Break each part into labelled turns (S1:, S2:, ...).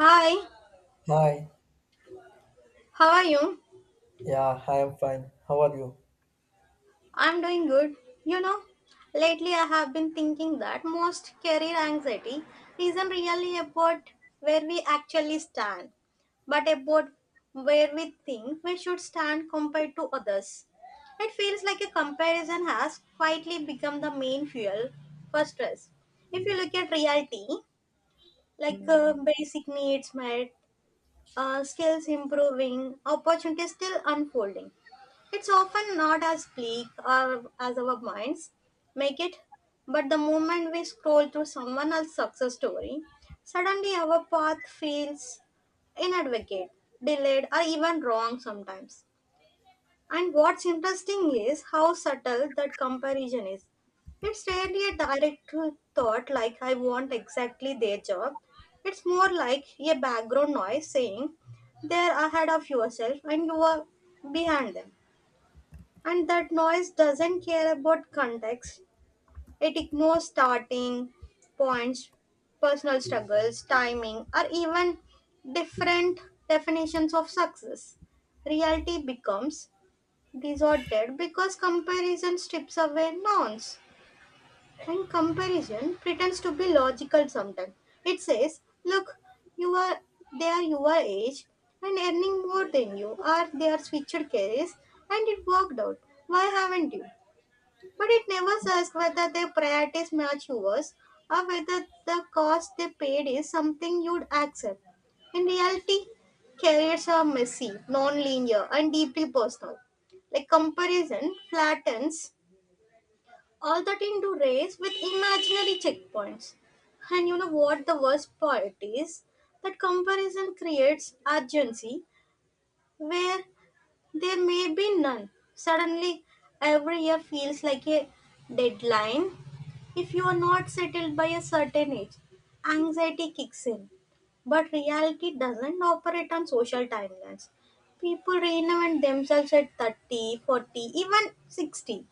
S1: Hi,
S2: Hi,
S1: how are you?
S2: yeah, I am fine. How are you?
S1: I'm doing good. You know, lately I have been thinking that most career anxiety isn't really about where we actually stand, but about where we think we should stand compared to others. It feels like a comparison has quietly become the main fuel for stress. If you look at reality, like basic needs met, skills improving, opportunities still unfolding. It's often not as bleak as our minds make it, but the moment we scroll through someone else's success story, suddenly our path feels inadvocate, delayed, or even wrong sometimes. And what's interesting is how subtle that comparison is. It's rarely a direct thought like, I want exactly their job. It's more like a background noise saying, they're ahead of yourself and you are behind them. And that noise doesn't care about context, it ignores starting points, personal struggles, timing, or even different definitions of success. Reality becomes disordered because comparison strips away nouns, and comparison pretends to be logical. Sometimes it says, look, you are, they are your age and earning more than you are, they are switched careers and it worked out, why haven't you? But it never asks whether their priorities match yours or whether the cost they paid is something you'd accept. In reality, careers are messy, non-linear, and deeply personal. Like comparison flattens all that into race with imaginary checkpoints. And you know what the worst part is? That comparison creates urgency where there may be none. Suddenly, every year feels like a deadline. If you are not settled by a certain age, anxiety kicks in. But reality doesn't operate on social timelines. People reinvent themselves at 30, 40, even 60.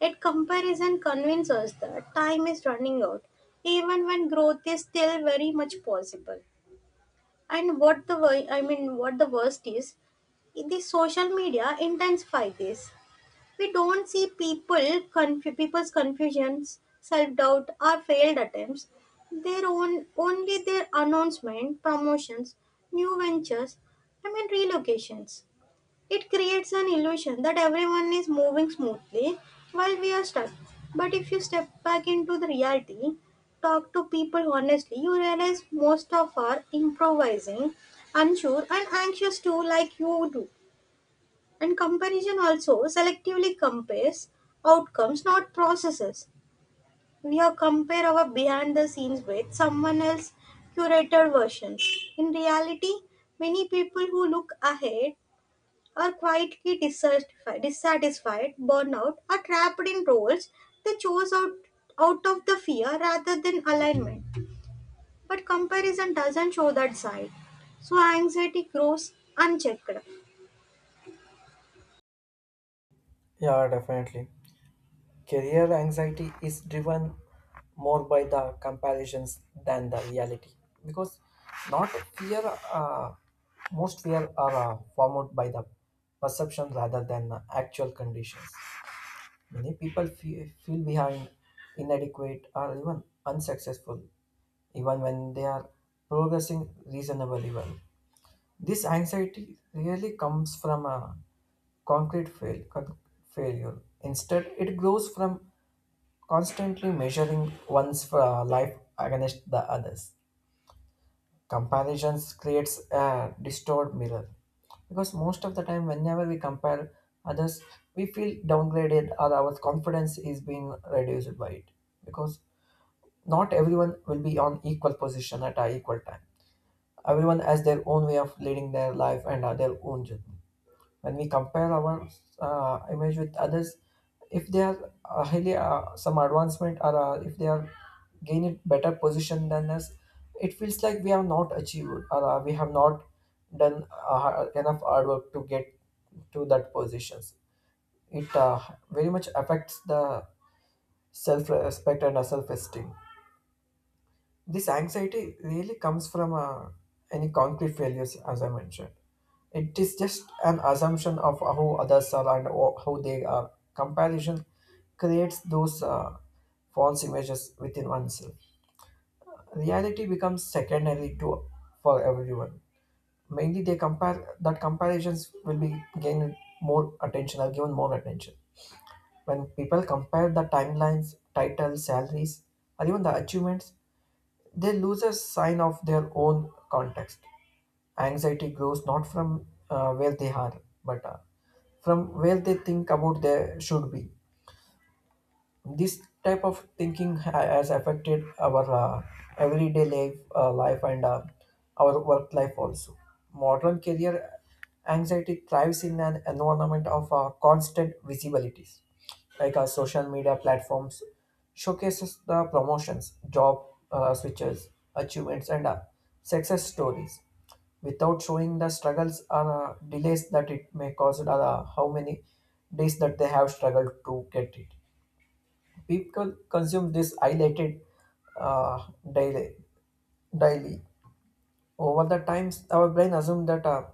S1: Yet comparison convinces us that time is running out, even when growth is still very much possible. And what the worst is, the social media intensify this. We don't see people's confusions, self doubt, or failed attempts. Their own only their announcement, promotions, new ventures. I mean relocations. It creates an illusion that everyone is moving smoothly while we are stuck. But if you step back into the reality, talk to people honestly, you realize most of are improvising, unsure, and anxious too, like you do. And comparison also selectively compares outcomes, not processes. We have compare our behind the scenes with someone else's curated versions. In reality, many people who look ahead are quietly dissatisfied, burnout, are trapped in roles they chose out of the fear rather than alignment. But comparison doesn't show that side. So anxiety grows unchecked.
S2: Yeah, definitely. Career anxiety is driven more by the comparisons than the reality because not fear, uh, most fear are formed by the perception rather than the actual conditions. Many people feel behind, inadequate, or even unsuccessful, even when they are progressing reasonably well. This anxiety really comes from a concrete failure. Instead, it grows from constantly measuring one's life against the others. Comparisons creates a distorted mirror because most of the time, whenever we compare others, we feel downgraded or our confidence is being reduced by it because not everyone will be on equal position at a equal time. Everyone has their own way of leading their life and their own journey. When we compare our image with others, if they are highly some advancement or if they are gaining better position than us, it feels like we have not achieved or we have not done enough hard work to get to that positions. It very much affects the self-respect and self-esteem. This anxiety really comes from any concrete failures, as I mentioned. It is just an assumption of how others are and how they are. Comparison creates those false images within oneself. Reality becomes secondary to for everyone. Mainly, they compare that comparisons will be gained more attention or given more attention. When people compare the timelines, titles, salaries, or even the achievements, they lose a sign of their own context. Anxiety grows not from where they are, but from where they think about they should be. This type of thinking has affected our everyday life, life and our work life also. Modern career anxiety thrives in an environment of constant visibilities, like social media platforms showcases the promotions, job switches, achievements, and success stories without showing the struggles or delays that it may cause or how many days that they have struggled to get it. People consume this highlighted uh, daily, daily. Over the times, our brain assumes that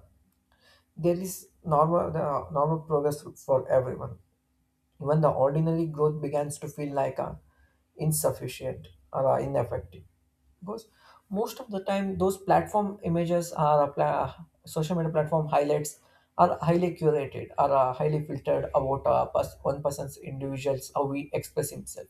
S2: there is normal progress for everyone. Even the ordinary growth begins to feel like insufficient or ineffective. Because most of the time, those platform images are a pla- social media platform highlights are highly curated, are highly filtered about one person's individuals, how he express himself.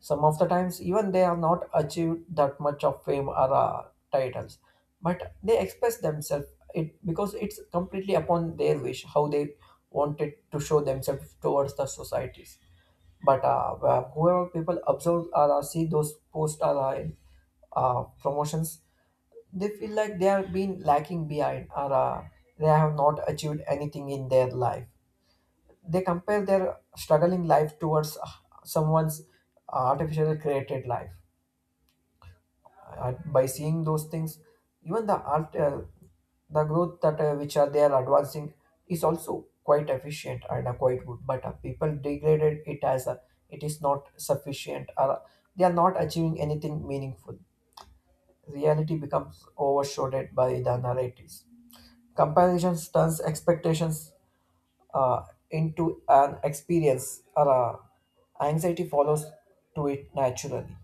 S2: Some of the times, even they are not achieved that much of fame or titles, but they express themselves, it because it's completely upon their wish how they wanted to show themselves towards the societies. But whoever people observe or see those posts or promotions, they feel like they are being lacking behind or they have not achieved anything in their life. They compare their struggling life towards someone's artificially created life. By seeing those things, even the growth that which are they are advancing is also quite efficient and quite good, but people degraded it as a, it is not sufficient or they are not achieving anything meaningful. Reality becomes overshadowed by the narratives. Comparisons turns expectations uh, into an experience or anxiety follows to it naturally.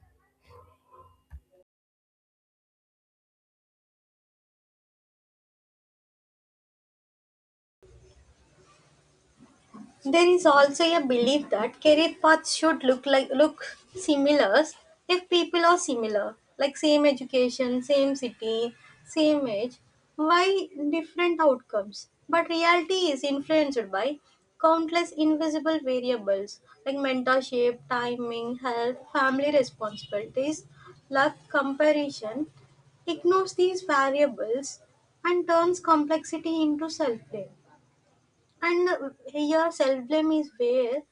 S1: There is also a belief that career paths should look similar if people are similar, like same education, same city, same age. Why different outcomes? But reality is influenced by countless invisible variables like mentorship, timing, health, family responsibilities, luck. Comparison ignores these variables and turns complexity into self blame. And here, self blame is where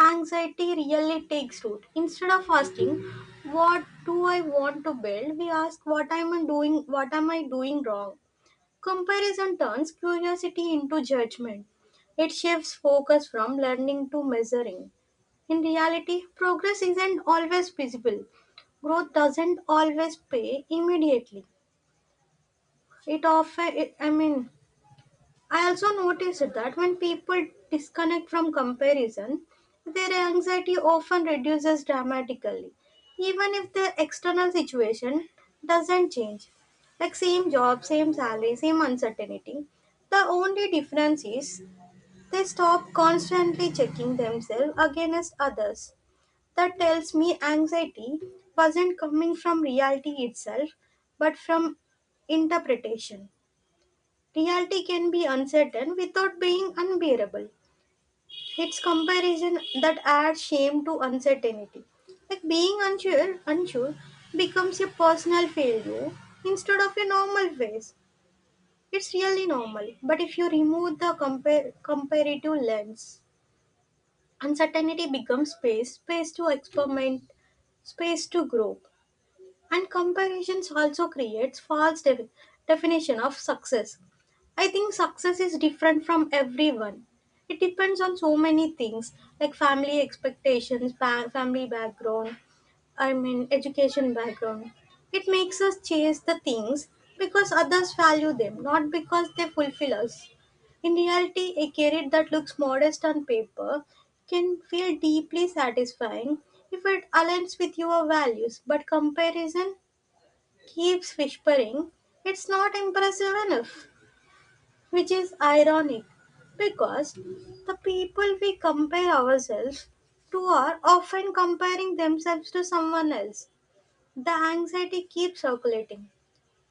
S1: anxiety really takes root. Instead of asking, "What do I want to build?" we ask, "What am I doing? What am I doing wrong?" Comparison turns curiosity into judgment. It shifts focus from learning to measuring. In reality, progress isn't always visible. Growth doesn't always pay immediately. It often, I mean, I also noticed that when people disconnect from comparison, their anxiety often reduces dramatically, even if the external situation doesn't change. Like same job, same salary, same uncertainty. The only difference is they stop constantly checking themselves against others. That tells me anxiety wasn't coming from reality itself, but from interpretation. Reality can be uncertain without being unbearable. It's comparison that adds shame to uncertainty. Like being unsure becomes a personal failure instead of a normal phase. It's really normal, but if you remove the comparative lens, uncertainty becomes space, space to experiment, space to grow. And comparisons also creates false definition of success. I think success is different from everyone. It depends on so many things, like family expectations, family background, I mean, education background. It makes us chase the things because others value them, not because they fulfill us. In reality, a career that looks modest on paper can feel deeply satisfying if it aligns with your values, but comparison keeps whispering it's not impressive enough, which is ironic because the people we compare ourselves to are often comparing themselves to someone else. The anxiety keeps circulating.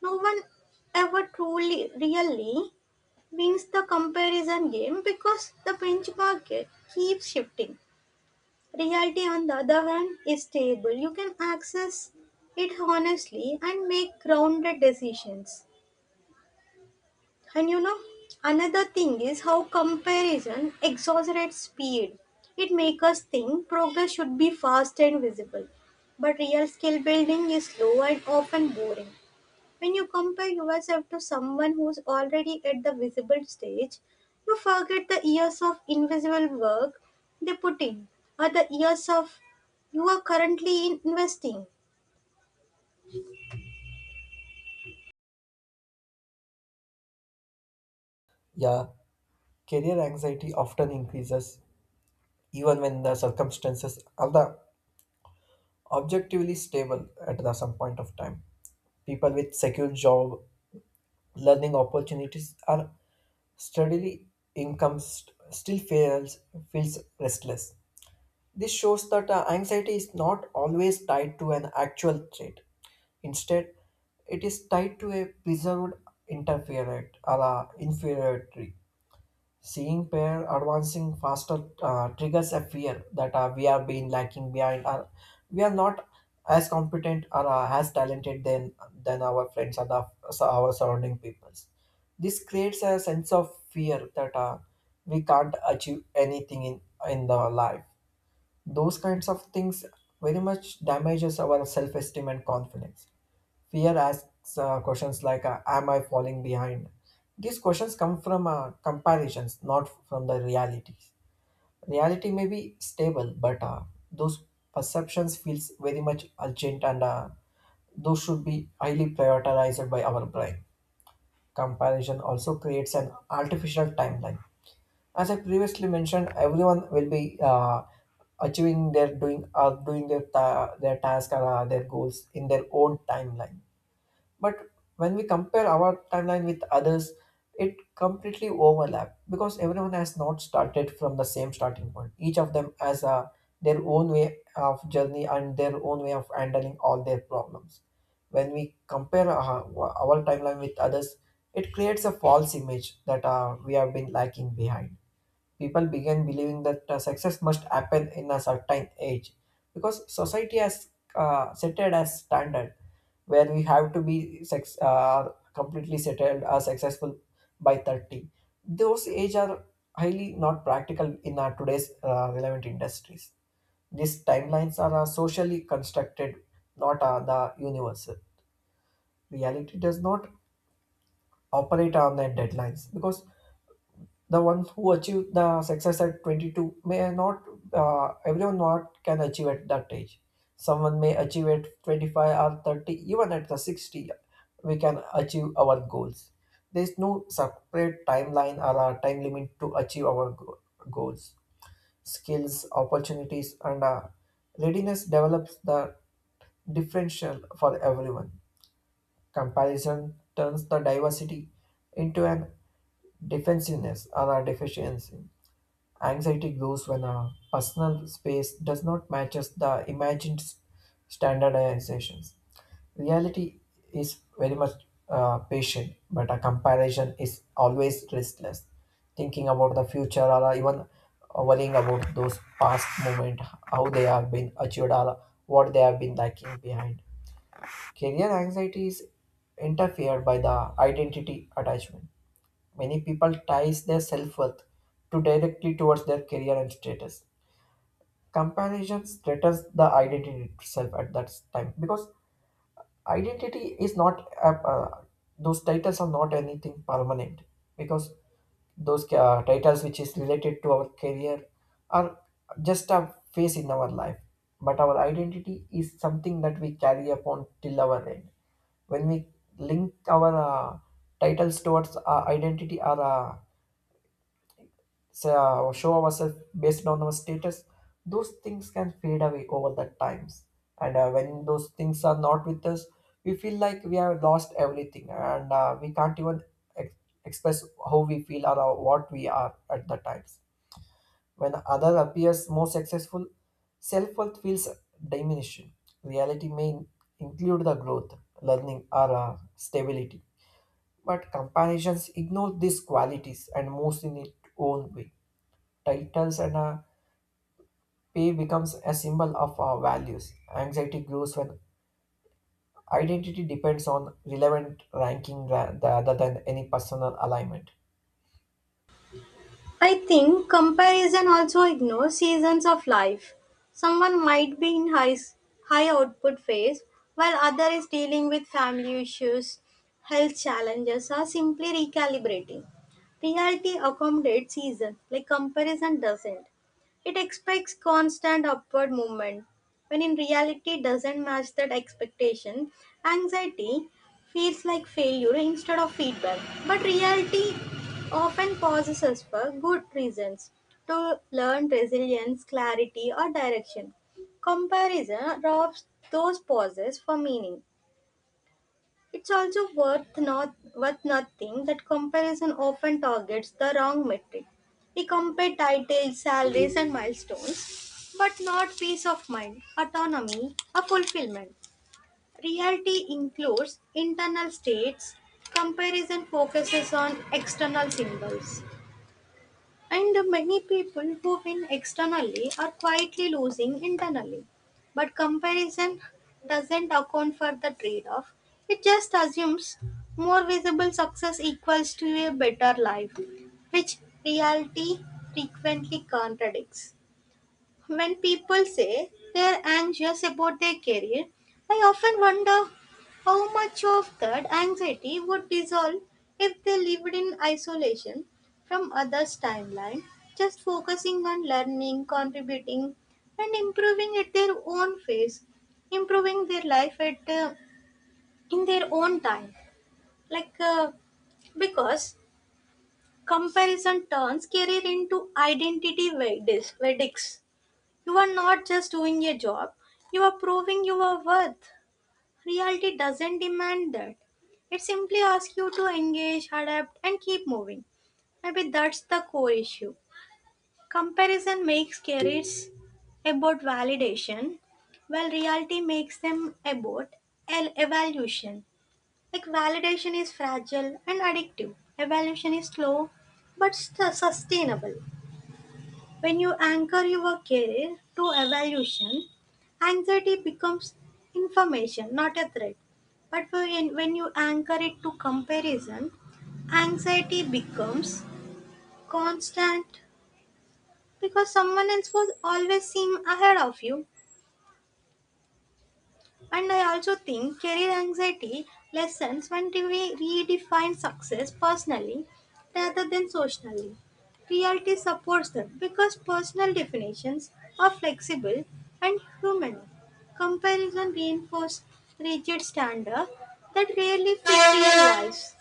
S1: No one ever truly, really wins the comparison game because the benchmark keeps shifting. Reality, on the other hand, is stable. You can access it honestly and make grounded decisions. And you know, another thing is how comparison exaggerates speed. It makes us think progress should be fast and visible, but real skill building is slow and often boring. When you compare yourself to someone who's already at the visible stage, you forget the years of invisible work they put in, or the years of you are currently in investing.
S2: Yeah, career anxiety often increases even when the circumstances are the objectively stable at the some point of time. People with secure job, learning opportunities are steadily income still feels restless. This shows that anxiety is not always tied to an actual threat. Instead, it is tied to a preserved interferent or inferiority. Seeing pair advancing faster triggers a fear that we are being lacking behind, or we are not as competent or as talented than our friends or so our surrounding peoples. This creates a sense of fear that we can't achieve anything in the life. Those kinds of things very much damages our self esteem and confidence. Fear asks questions like, am I falling behind? These questions come from comparisons, not from the reality. Reality may be stable, but those perceptions feels very much urgent and those should be highly prioritized by our brain. Comparison also creates an artificial timeline. As I previously mentioned, everyone will be achieving their doing doing their their task or their goals in their own timeline. But when we compare our timeline with others, it completely overlap because everyone has not started from the same starting point. Each of them has a, their own way of journey and their own way of handling all their problems. When we compare our timeline with others, it creates a false image that we have been lacking behind. People began believing that success must happen in a certain age because society has set it as standard, where we have to be completely settled or successful by 30. Those age are highly not practical in our today's relevant industries. These timelines are socially constructed, not the universal. Reality does not operate on the deadlines because the one who achieved the success at 22 may not, everyone not can achieve at that age. Someone may achieve at 25 or 30, even at the 60, we can achieve our goals. There is no separate timeline or a time limit to achieve our goals. Skills, opportunities, and readiness develops the differential for everyone. Comparison turns the diversity into an defensiveness or a deficiency. Anxiety grows when a personal space does not matches the imagined standardizations. Reality is very much patient, but a comparison is always restless. Thinking about the future or even worrying about those past moments, how they have been achieved or what they have been lacking behind. Career anxiety is interfered by the identity attachment. Many people ties their self-worth to directly towards their career and status. Comparison threatens the identity itself at that time because identity is not those titles are not anything permanent, because those titles which is related to our career are just a phase in our life, but our identity is something that we carry upon till our end. When we link our titles towards our identity or show ourselves based on our status, those things can fade away over the times, and when those things are not with us, we feel like we have lost everything and we can't even ex- express how we feel or what we are at the times. When other appears more successful, self-worth feels diminishing. Reality may include the growth, learning or stability, but comparisons ignore these qualities and moves in its own way. Titles and pay becomes a symbol of our values. Anxiety grows when identity depends on relevant ranking rather than any personal alignment.
S1: I think comparison also ignores seasons of life. Someone might be in high output phase while other is dealing with family issues, health challenges or simply recalibrating. Reality accommodates season like comparison doesn't. It expects constant upward movement. When in reality doesn't match that expectation, anxiety feels like failure instead of feedback. But reality often possesses for good reasons to learn resilience, clarity, or direction. Comparison robs those pauses for meaning. It's also worth not worth noting that comparison often targets the wrong metric. We compare titles, salaries, and milestones, but not peace of mind, autonomy, or fulfillment. Reality includes internal states. Comparison focuses on external symbols. And many people who win externally are quietly losing internally. But comparison doesn't account for the trade off, it just assumes more visible success equals to a better life, which reality frequently contradicts. When people say they're anxious about their career, I often wonder how much of that anxiety would dissolve if they lived in isolation from others' timeline, just focusing on learning, contributing, and improving at their own pace, improving their life at in their own time. Like uh, because comparison turns career into identity verdicts. You are not just doing a job, you are proving your worth. Reality doesn't demand that. It simply asks you to engage, adapt, and keep moving. Maybe that's the core issue. Comparison makes careers about validation, while reality makes them about evaluation. Like validation is fragile and addictive, evaluation is slow but sustainable. When you anchor your career to evaluation, anxiety becomes information, not a threat. But when you anchor it to comparison, anxiety becomes constant because someone else was always seem ahead of you. And I also think career anxiety lessens when we redefine success personally rather than socially. Reality supports them because personal definitions are flexible and human. Comparison reinforces rigid standards that rarely fit real lives.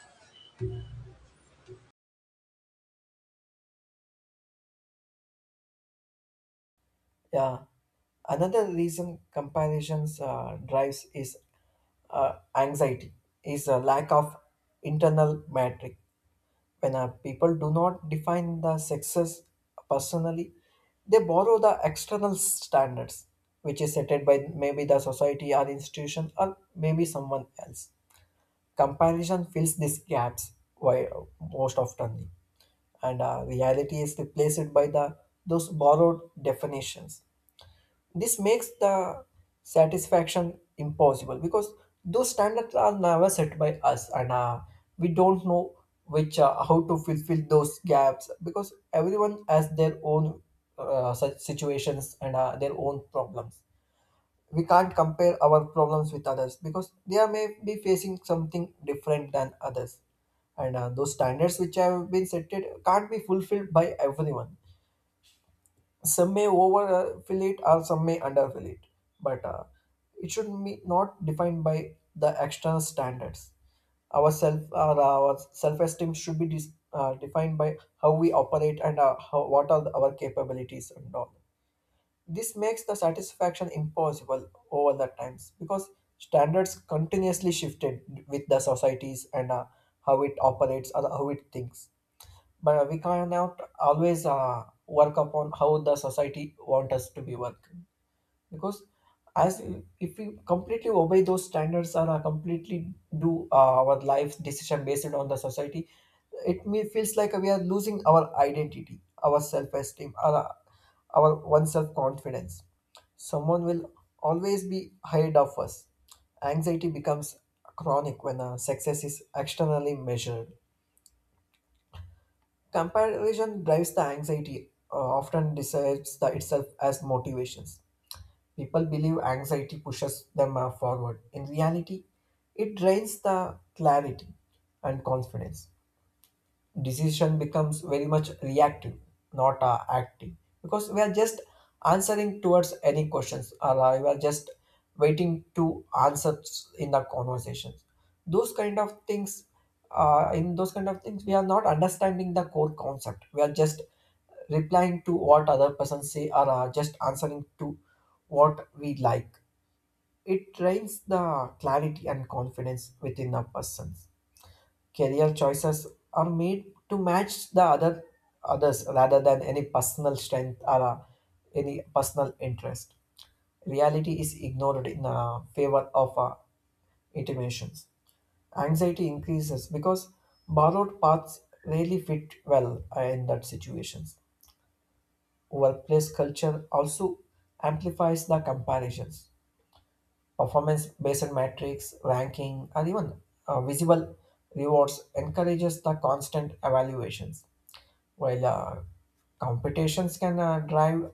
S2: Yeah. Another reason comparisons drives is anxiety, is a lack of internal metric. When people do not define the success personally, they borrow the external standards, which is set by maybe the society or institution or maybe someone else. Comparison fills these gaps why, most often, and reality is replaced by the those borrowed definitions. This makes the satisfaction impossible because those standards are never set by us, and we don't know which how to fulfill those gaps because everyone has their own such situations and their own problems. We can't compare our problems with others because they are may be facing something different than others. And those standards which have been set, it can't be fulfilled by everyone. Some may overfill it or some may underfill it, but it should be not defined by the external standards. Our self or our self-esteem should be defined by how we operate and how, what are our capabilities and all. This makes the satisfaction impossible over the times because standards continuously shifted with the societies and how it operates or how it thinks. But we cannot always work upon how the society want us to be work, because as if we completely obey those standards or completely do our life decision based on the society, it may feels like we are losing our identity, our self-esteem, our one self-confidence. Someone will always be ahead of us. Anxiety becomes chronic when success is externally measured. Comparison drives the anxiety often describes the itself as motivations. People believe anxiety pushes them forward. In reality, it drains the clarity and confidence. Decision becomes very much reactive, not active, because we are just answering towards any questions, or we are just waiting to answers in the conversations. Those kind of things, in those kind of things, we are not understanding the core concept. We are just replying to what other person say or just answering to what we like. It trains the clarity and confidence within a person. Career choices are made to match the others rather than any personal strength or any personal interest. Reality is ignored in favor of intimations. Anxiety increases because borrowed paths rarely fit well in that situations. Workplace culture also amplifies the comparisons. Performance-based metrics, ranking, or even visible rewards encourages the constant evaluations. While competitions can drive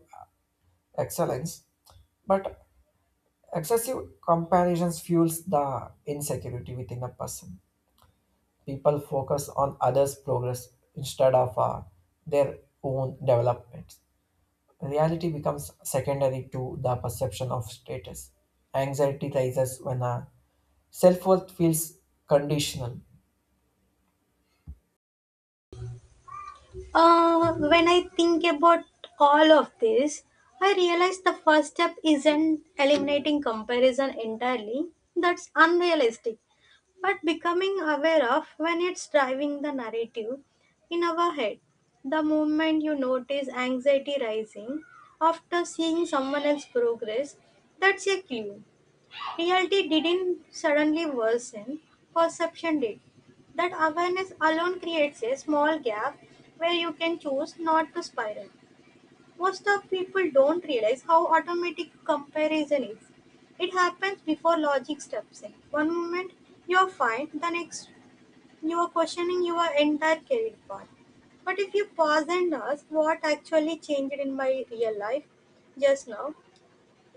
S2: excellence, but excessive comparisons fuels the insecurity within a person. People focus on others' progress instead of their own development. Reality becomes secondary to the perception of status. Anxiety rises when self worth feels conditional.
S1: When I think about all of this, I realize the first step isn't eliminating comparison entirely. That's unrealistic. But becoming aware of when it's driving the narrative in our head. The moment you notice anxiety rising after seeing someone else's progress, that's a clue. Reality didn't suddenly worsen, perception did. That awareness alone creates a small gap where you can choose not to spiral. Most of people don't realize how automatic comparison is. It happens before logic steps in. One moment you're fine, the next you are questioning your entire career path. But if you pause and ask what actually changed in my real life just now,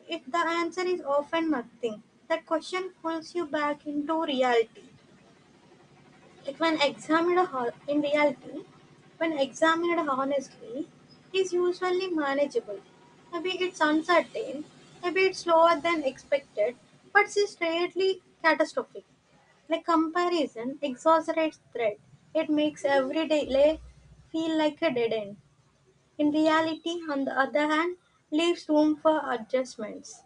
S1: if the answer is often nothing, the question pulls you back into reality. Like in reality, when examined honestly, it is usually manageable. Maybe it's uncertain, maybe it's slower than expected, but it's rarely catastrophic. Like comparison exaggerates threat. It makes every delay feel like a dead end. In reality, on the other hand, leaves room for adjustments.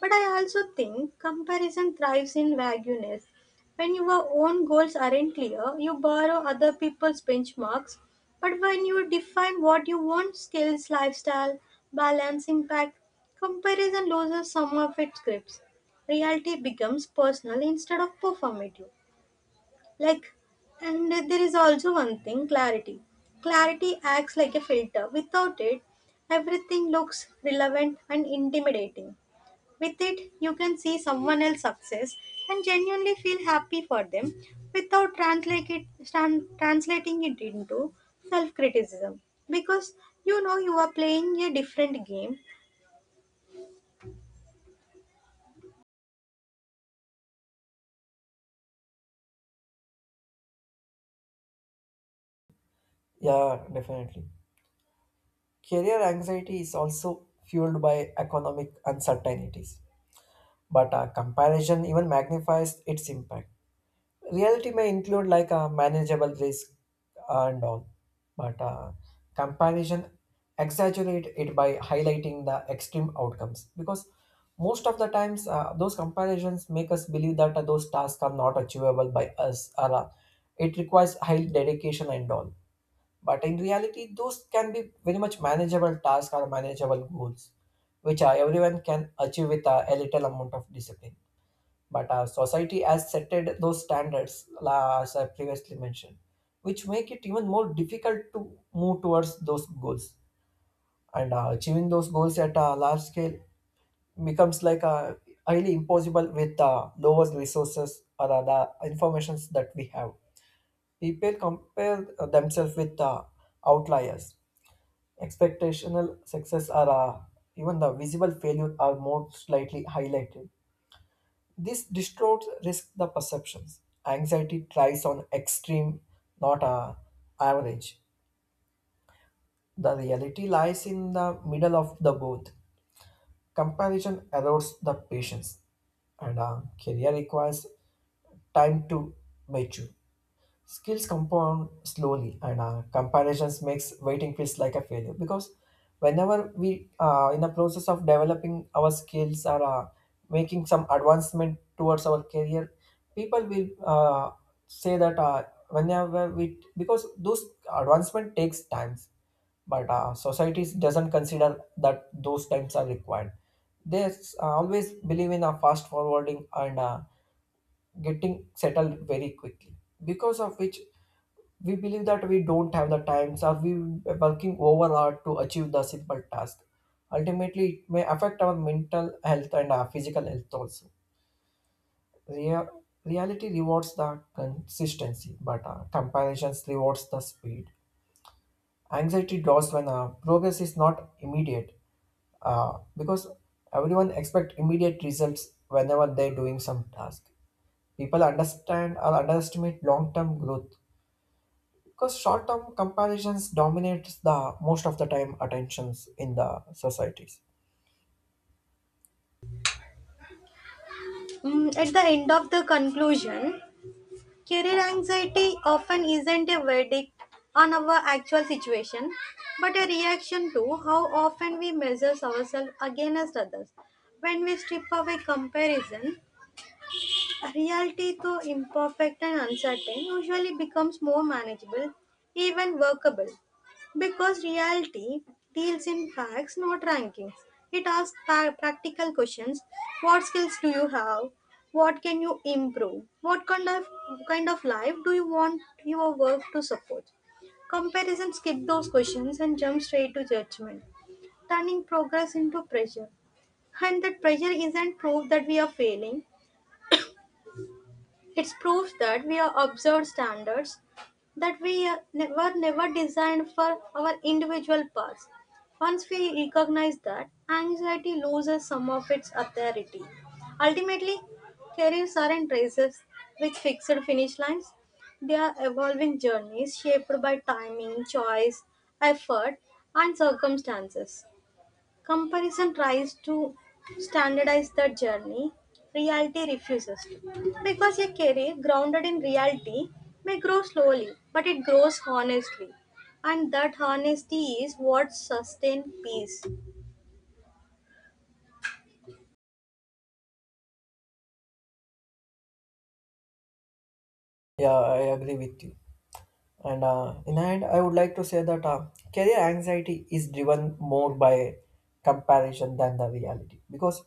S1: But I also think comparison thrives in vagueness. When your own goals aren't clear, you borrow other people's benchmarks. But when you define what you want, skills, lifestyle, balance, impact, comparison loses some of its grips. Reality becomes personal instead of performative. Like, and there is also one thing, clarity. Clarity acts like a filter. Without it, everything looks relevant and intimidating. With it, you can see someone else's success and genuinely feel happy for them without translating it into self criticism because you know you are playing a different game.
S2: Yeah, definitely. Career anxiety is also fueled by economic uncertainties, but a comparison even magnifies its impact. Reality may include like a manageable risk and all, but comparison exaggerate it by highlighting the extreme outcomes because most of the times those comparisons make us believe that those tasks are not achievable by us or it requires high dedication and all. But in reality, those can be very much manageable tasks or manageable goals, which everyone can achieve with a little amount of discipline. But society has setted those standards, as I previously mentioned, which make it even more difficult to move towards those goals. And achieving those goals at a large scale becomes like a highly impossible with lower resources or other informations that we have. People compare themselves with outliers. Expectational success are even the visible failure are more slightly highlighted. This distorts risk the perceptions. Anxiety tries on extreme, not average. The reality lies in the middle of the both. Comparison erodes the patience, and career requires time to mature. Skills compound slowly, and comparisons makes waiting feels like a failure because whenever we in the process of developing our skills or making some advancement towards our career, people will say that whenever we because those advancement takes times, but societies doesn't consider that those times are required. They always believe in a fast forwarding and getting settled very quickly, because of which we believe that we don't have the times or we working overhard to achieve the simple task. Ultimately, it may affect our mental health and our physical health also. Rea- Reality rewards the consistency, but comparisons rewards the speed. Anxiety draws when progress is not immediate because everyone expect immediate results whenever they're doing some task. People understand or underestimate long-term growth because short-term comparisons dominates the most of the time attentions in the societies.
S1: At the end of the conclusion, career anxiety often isn't a verdict on our actual situation but a reaction to how often we measure ourselves against others when we strip away comparison. Reality, though imperfect and uncertain, usually becomes more manageable, even workable. Because reality deals in facts, not rankings. It asks practical questions. What skills do you have? What can you improve? What kind of life do you want your work to support? Comparison skip those questions and jump straight to judgment, turning progress into pressure. And that pressure isn't proof that we are failing, it proves that we are absurd standards, that were never designed for our individual paths. Once we recognize that, anxiety loses some of its authority. Ultimately, careers aren't races with fixed finish lines. They are evolving journeys shaped by timing, choice, effort, and circumstances. Comparison tries to standardize the journey. Reality refuses to. Because a career grounded in reality may grow slowly, but it grows honestly. And that honesty is what sustains peace.
S2: Yeah, I agree with you, and in hand I would like to say that career anxiety is driven more by comparison than the reality because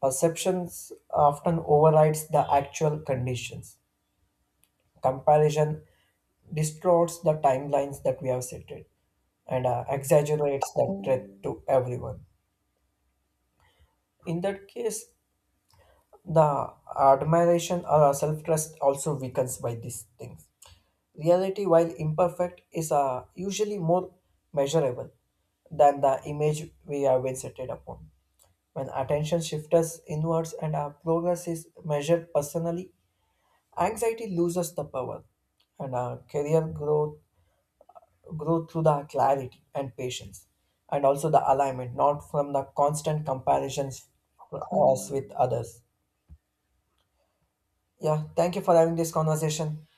S2: perceptions often overrides the actual conditions. Comparison distorts the timelines that we have set it, and exaggerates that threat to everyone. In that case, the admiration or self trust also weakens by these things. Reality, while imperfect, is usually more measurable than the image we have been set upon. When attention shifts inwards and our progress is measured personally, anxiety loses the power, and our career growth grow through the clarity and patience, and also the alignment, not from the constant comparisons for us with others. Yeah, thank you for having this conversation.